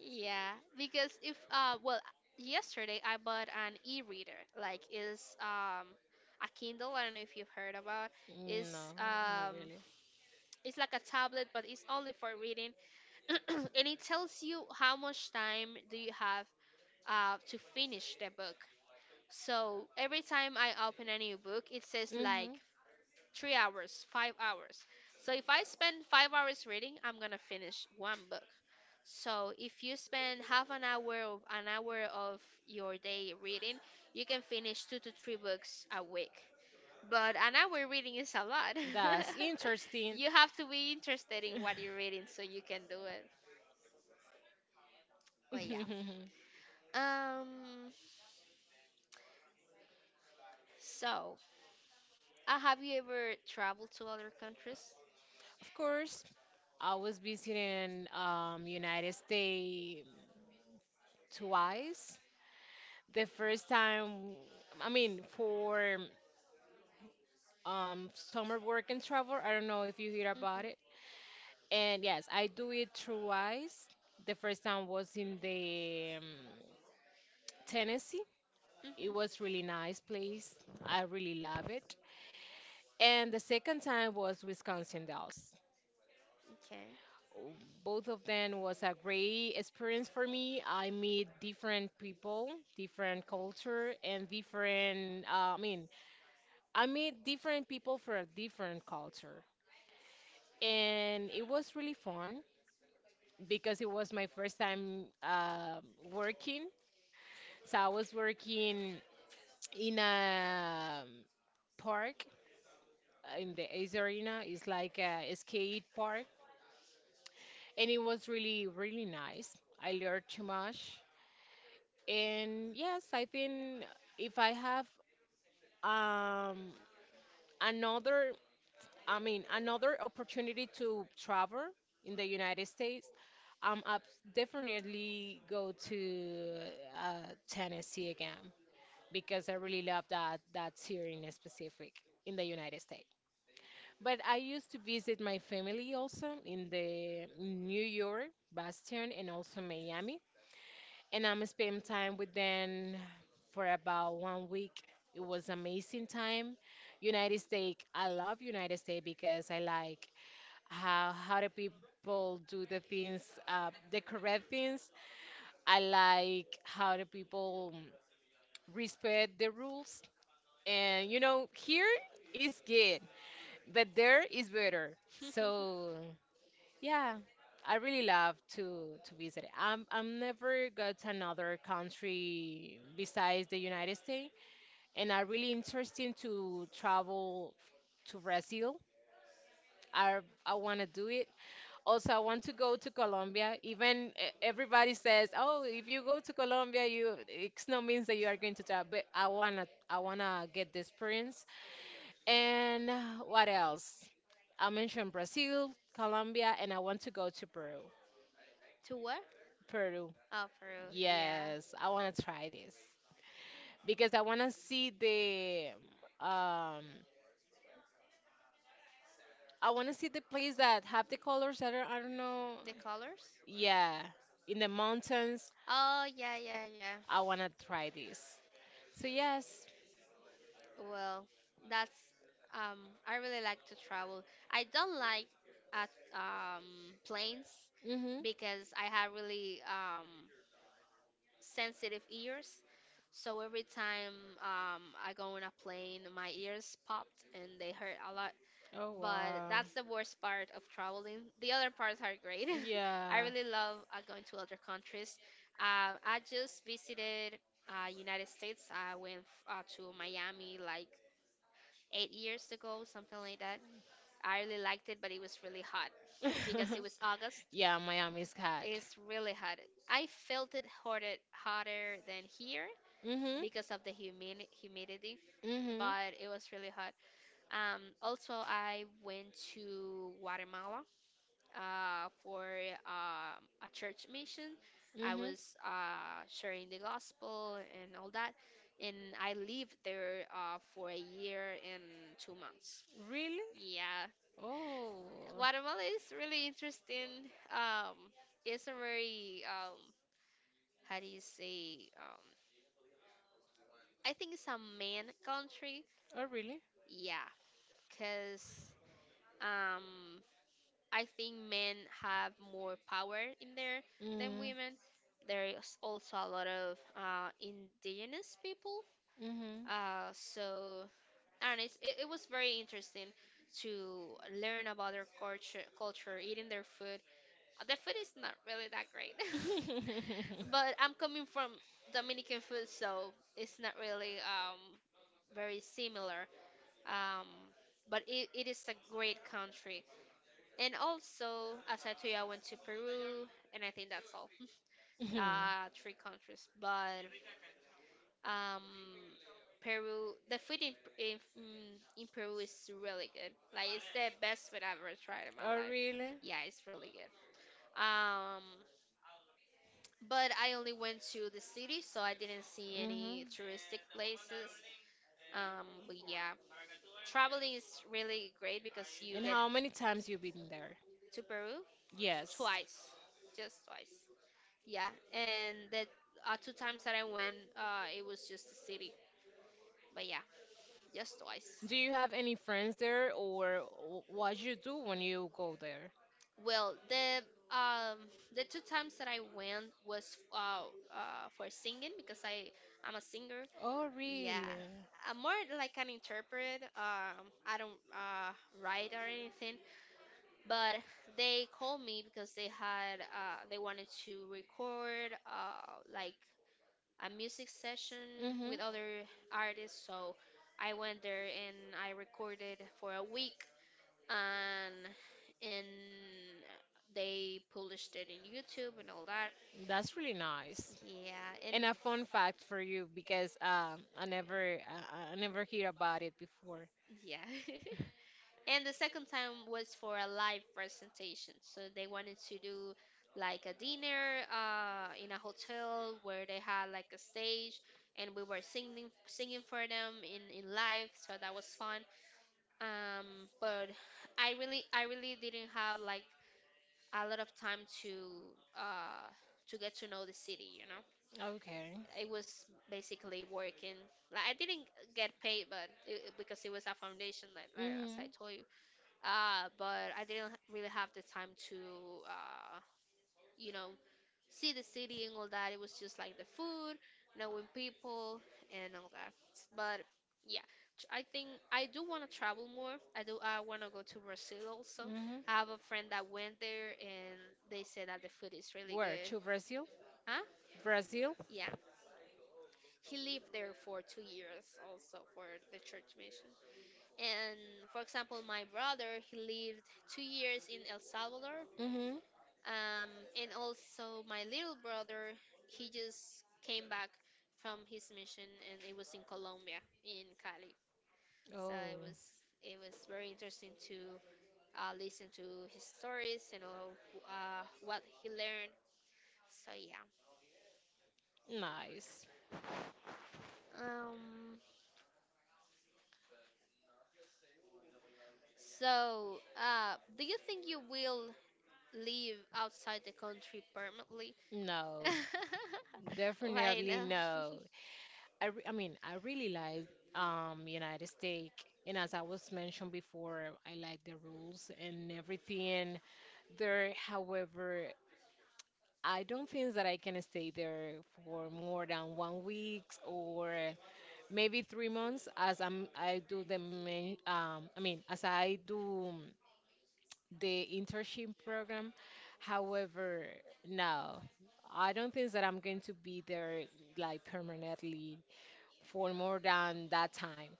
B: Yeah, because if well, yesterday I bought an e-reader. Like, is a Kindle, I don't know if you've heard about.
A: No,
B: It's
A: not
B: um
A: really.
B: it's like a tablet but it's only for reading. And it tells you how much time do you have to finish the book. So every time I open a new book, it says like
A: Mhm.
B: 3 hours, 5 hours. So if I spend 5 hours reading, I'm gonna finish one book. So if you spend half an hour of your day reading, you can finish two to three books a week. But an hour reading is a lot.
A: That's interesting.
B: You have to be interested in what you're reading so you can do it.
A: Of
B: But yeah. Um. So, have you ever traveled to other countries?
A: course, I was visiting, United States twice. The first time, I mean, for, summer work and travel. I don't know if you hear about it.
B: Mm-hmm.
A: And yes, I do it twice. The first time was in the, Tennessee. It was
B: Mhm.
A: really nice place. I really love it. And the second time was Wisconsin Dells.
B: Okay.
A: Oh, both of them was a great experience for me. I meet different people, different culture, and different. I mean, I meet different people for a different culture, and it was really fun because it was my first time, working. So I was working in a, park, in the Ace Arena. It's like a skate park, and it was really, really nice. I learned too much, and yes, I think if I have, um, another, I mean, another opportunity to travel in the United States, I'm up definitely go to, Tennessee again because I really love that series in specific in the United States. But I used to visit my family also in the New York, Boston, and also Miami. And I'm spend time with them for about one week. It was amazing time. United States, I love United States because I like how the people do the things, the correct things. I like how the people respect the rules. And you know, here is good, but there is better. So. Yeah, I really love to visit. I'm never got to another country besides the United States, and I really interesting to travel to Brazil. I I want to do it. Also, I want to go to Colombia. Even, everybody says, "Oh, if you go to Colombia, you it's no means that you are going to travel." But I wanna get the experience. And, what else? I mentioned Brazil, Colombia, and I want to go to Peru.
B: To where?
A: Peru.
B: Oh, Peru. Yeah.
A: Yes, I want to try this because I want to see the, um I want to see the place that have the colors that are I don't know.
B: The colors?
A: Yeah, in the mountains.
B: Oh, yeah, yeah, yeah.
A: I want to try this. So yes.
B: Well, that's I really like to travel. I don't like at um planes
A: Mhm.
B: because I have really sensitive ears. So every time I go on a plane, my ears popped and they hurt a lot.
A: Oh
B: But
A: wow.
B: that's the worst part of traveling. The other parts are great. I
A: Yeah.
B: really love going to other countries. I just visited United States. I went to Miami like 8 years ago, something like that. I really liked it, but it was really hot because it was August.
A: Yeah, Miami's hot.
B: It's really hot. I felt it hotter than here
A: Mhm.
B: because of the humidity,
A: Mhm.
B: but it was really hot. Also, I went to Guatemala, for a church mission. I
A: Mm-hmm.
B: was sharing the gospel and all that, and I lived there for a year and 2 months.
A: Really?
B: Yeah,
A: Oh.
B: Guatemala is really interesting. It's a very, how do you say? I think it's a man country.
A: Oh, really?
B: Yeah, cause um I think men have more power in there than
A: Mm.
B: women. There is also a lot of indigenous people.
A: Mm-hmm.
B: So, and it was very interesting to learn about their culture, eating their food. The food is not really that great, but I'm coming from Dominican food, so it's not really, very similar. Um, but it is a great country. And also, as I told you, I went to Peru, and I think that's all.
A: Mhm.
B: Three countries, but um, Peru, the food in in Peru is really good. Like it's the best food I've ever tried in my
A: Oh,
B: life.
A: really?
B: Yeah, it's really good. Um, but I only went to the city, so I didn't see
A: Mm-hmm.
B: any touristic places. But yeah, traveling is really great because you
A: And
B: get
A: how many times you been there?
B: to Peru
A: Yes.
B: twice, just twice. Yeah, and that, two times that I went, it was just the city. But yeah, just twice.
A: Do you have any friends there, or what you do when you go there?
B: Well, um the two times that I went was for singing because I'm a singer.
A: Oh,
B: Yeah.
A: really?
B: I'm more like an interpret. I don't write or anything, but they called me because they wanted to record, like, a music session with other artists. So I went there and I recorded for a week, and and they published it in YouTube and all that.
A: That's really nice.
B: Yeah, and
A: And a fun fact for you because I never hear about it before.
B: yeah. And the second time was for a live presentation. So they wanted to do like a dinner in a hotel where they had like a stage, and we were singing for them in live. So that was fun. But I really didn't have like a lot of time uh to get to know the city.
A: Okay.
B: It was basically working, like I didn't get paid, but because it was a foundation, like as I
A: Mhm.
B: told you. Uh, but I didn't really have the time to uh you know see the city and all that. It was just like the food, knowing people, and all that. But yeah, I think I do want to travel more. I do. I want to go to Brazil also.
A: Mhm.
B: I have a friend that went there, and they said that the food is really
A: Where
B: good.
A: to Brazil?
B: Huh?
A: Brazil?
B: Yeah. He lived there for 2 years also for the church mission. And for example, my brother, he lived 2 years in El Salvador.
A: Mhm.
B: And also my little brother, he just came back from his mission, and it was in Colombia, in Cali. So it
A: Oh,
B: was, it was very interesting to listen to his stories and all what he learned. So yeah.
A: nice.
B: Um, so do you think you will live outside the country permanently?
A: No,
B: Why
A: definitely
B: not?
A: no. I mean, I really like United States, and as I was mentioned before, I like the rules and everything there. However, I don't think that I can stay there for more than 1 week or maybe 3 months as I'm I do the main I mean as I do the internship program. However, no, I don't think that I'm going to be there like permanently for more than that time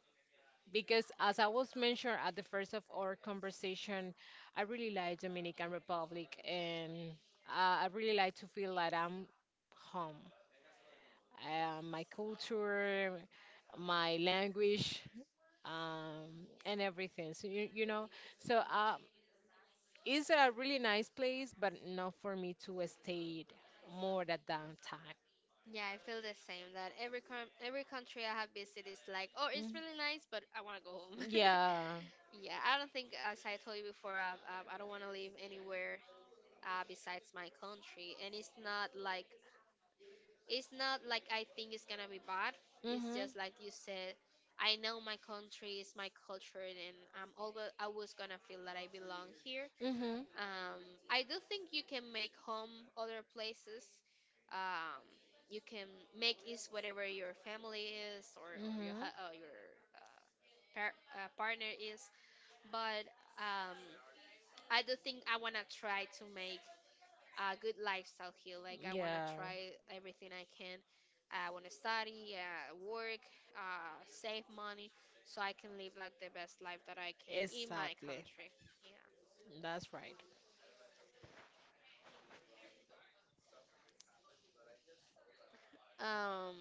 A: because as I was mentioned at the first of our conversation, I really like Dominican Republic and I really like to feel like I'm home. My culture, my language, and everything. So you know, so it's a really nice place, but not for me to stay more than that downtime.
B: Yeah, I feel the same. That every country I have visited is like, oh, it's really nice, but I want to go home.
A: Yeah.
B: Yeah, I don't think, as I told you before, I don't want to live anywhere besides my country. And it's not like I think it's gonna be bad. It's
A: Mhm.
B: just like you said, I know my country is my culture, and I'm always always gonna feel that I belong here.
A: Mhm.
B: Um, I do think you can make home other places. Um, you can make is whatever your family is, or your
A: Mhm.
B: your uh, partner is. But um, I do think I wanna try to make a good lifestyle here. Like I wanna
A: Yeah.
B: try everything I can. I wanna study, work, save money, so I can live like the best life that I can in my
A: Exactly.
B: country. Yeah.
A: That's right.
B: Um,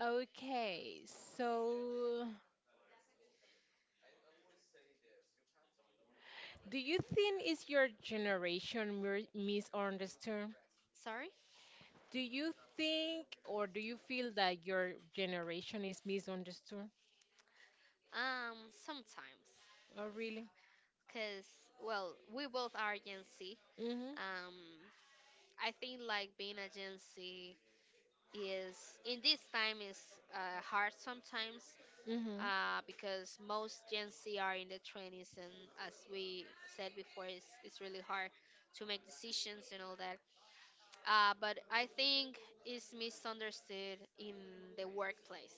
A: Okay, so do you think is your generation misunderstood?
B: sorry.
A: Do you think or do you feel that your generation is misunderstood?
B: Um, sometimes,
A: Oh, really?
B: because well, we both are Gen Z.
A: Mhm.
B: Um, I think like being a Gen Z is in this time is hard sometimes.
A: Mhm.
B: Because most Gen Z are in the 20s, and as we said before, it's really hard to make decisions and all that. But I think it's misunderstood in the workplace.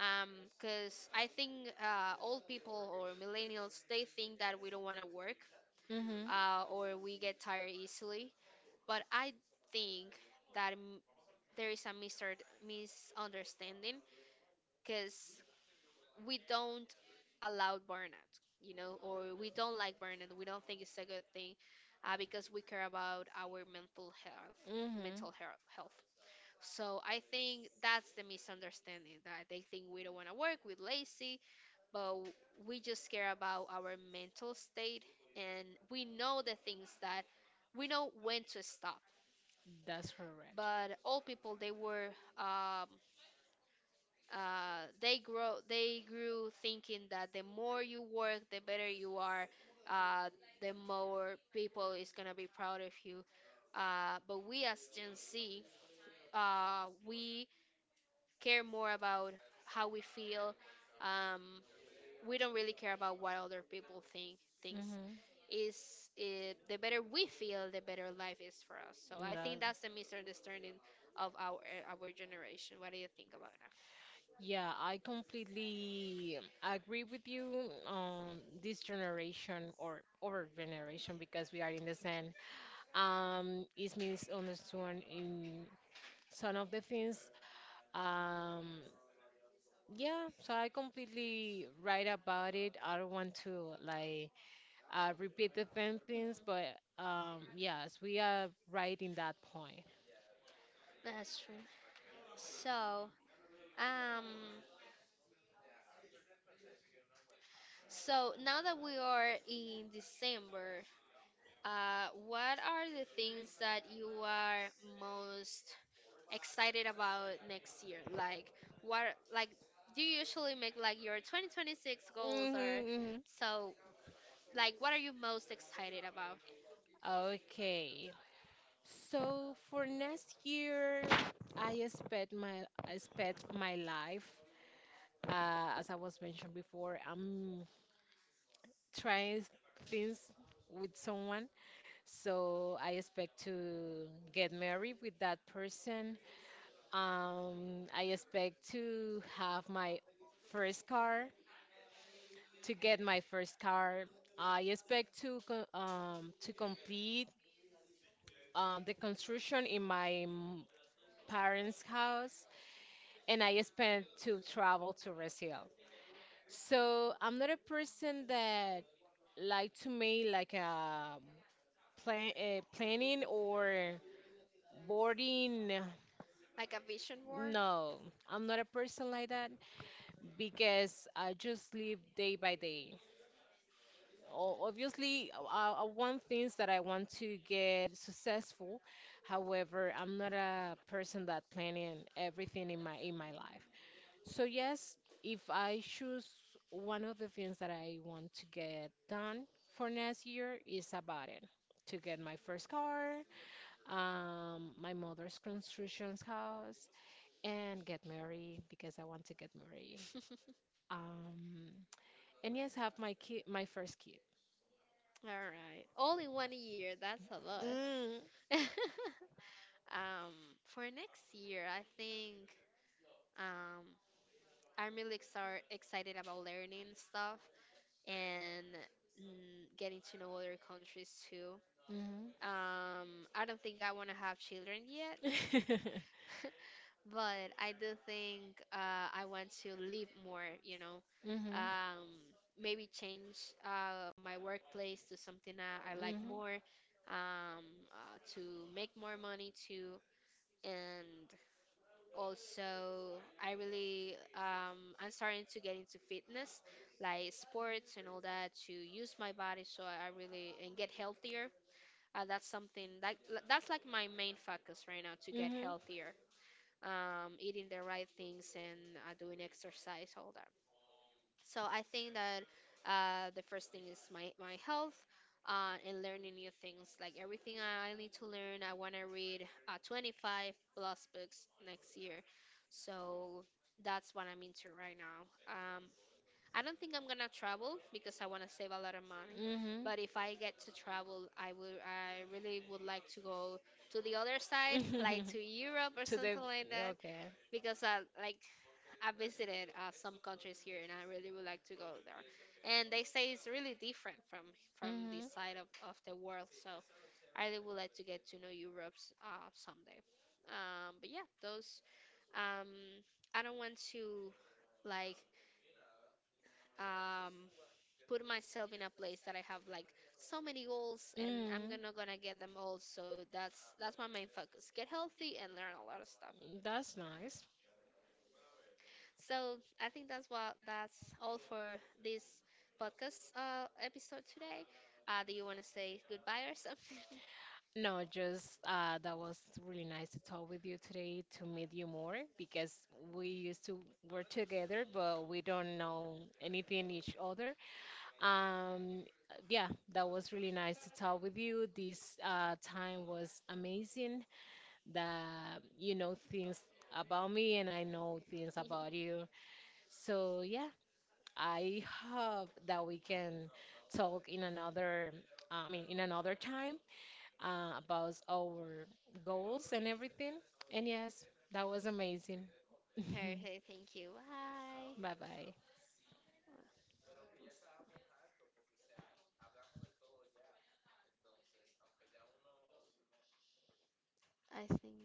B: Um, Cause I think old people or millennials, they think that we don't want to work,
A: Mhm.
B: or we get tired easily. But I think that there is a misunderstanding because we don't allow burnout, you know, or we don't like burnout. We don't think it's a good thing, because we care about our mental health,
A: Mhm.
B: health. So I think that's the misunderstanding, that they think we don't want to work, we're lazy, but we just care about our mental state, and we know the things that we know when to stop.
A: That's correct.
B: But old people, they were um, they grew thinking that the more you work the better you are, uh, the more people is gonna be proud of you. But we as Gen Z, we care more about how we feel. um, we don't really care about what other people think. Things
A: Mhm.
B: is it, the better we feel, the better life is for us. So I
A: That.
B: think that's the misunderstanding of our generation. What do you think about that?
A: Yeah, I completely agree with you on this generation or our generation because we are in the same is misunderstood in some of the things. Um yeah, so I completely right about it. I don't want to like repeat the same things,
B: Mhm.
A: but yes, we are right in that point.
B: That's true. So, um, so now that we are in December, what are the things that you are most excited about next year? Like what, like do you usually make like your 2026 goals or
A: Mm-hmm,
B: so, like what are you most excited about?
A: mm-hmm. Okay, so for next year, I expect my life. As I was mentioned before, I'm trying things with someone, so I expect to get married with that person. I expect to have my first car, to get my first car. I expect to to complete the construction in my parents' house. And I spent to travel to Brazil. So I'm not a person that like to make like a planning or boarding.
B: Like a vision board?
A: No, I'm not a person like that because I just live day by day. Obviously, I want things that I want to get successful. However, I'm not a person that planning everything in my life. So, yes, if I choose one of the things that I want to get done for next year is about it. To get my first car, my mother's construction house, and get married because I want to get married. Um, and yes, have my kid, my first kid.
B: All right. All in one year. That's a lot.
A: Mm.
B: um for next year, I think um I'm really exar excited about learning stuff and mm, getting to know other countries too.
A: Mm-hmm.
B: Um, I don't think I want to have children yet.
A: Mm-hmm.
B: But I do think I want to live more, you know, um, maybe change my workplace to something that I like
A: Mm-hmm.
B: more, um, to make more money too. And also, I really, I'm starting to get into fitness, like sports and all that, to use my body, so I really and get healthier. That's something like that's like my main focus right now, to get healthier, eating the right things and doing exercise, all that. So I think that the first thing is my health, and learning new things. Like everything I need to learn, I want to read 25 plus books next year. So that's what I'm into right now. I don't think I'm gonna travel because I want to save a lot of money.
A: Mhm.
B: But if I get to travel, I really would like to
A: Go.
B: go to the other side, like to Europe or
A: That,
B: something like that,
A: okay.
B: because I like I visited some countries here and I really would like to go there. And they say it's really different from
A: Mhm.
B: this side of the world. So I really would like to get to know Europe someday. But yeah, those um, I don't want to like um, put myself in a place that I have like so many goals and I'm
A: Mhm.
B: gonna get them all. So that's my main focus: get healthy and learn a lot of stuff.
A: A lot. That's nice.
B: So I think that's what that's all for this podcast episode today. Do you want to say goodbye or something?
A: No, just that was really nice to talk with you today to meet you more because we used to work together, but we don't know anything each other. Um, yeah, that was really nice to talk with you. This time was amazing that you know things about me and I know things about you. So, yeah, I hope that we can talk in another, I mean, in another time about our goals and everything. And yes, that was amazing.
B: Perfect. Thank you. Bye.
A: Bye bye.
B: I think.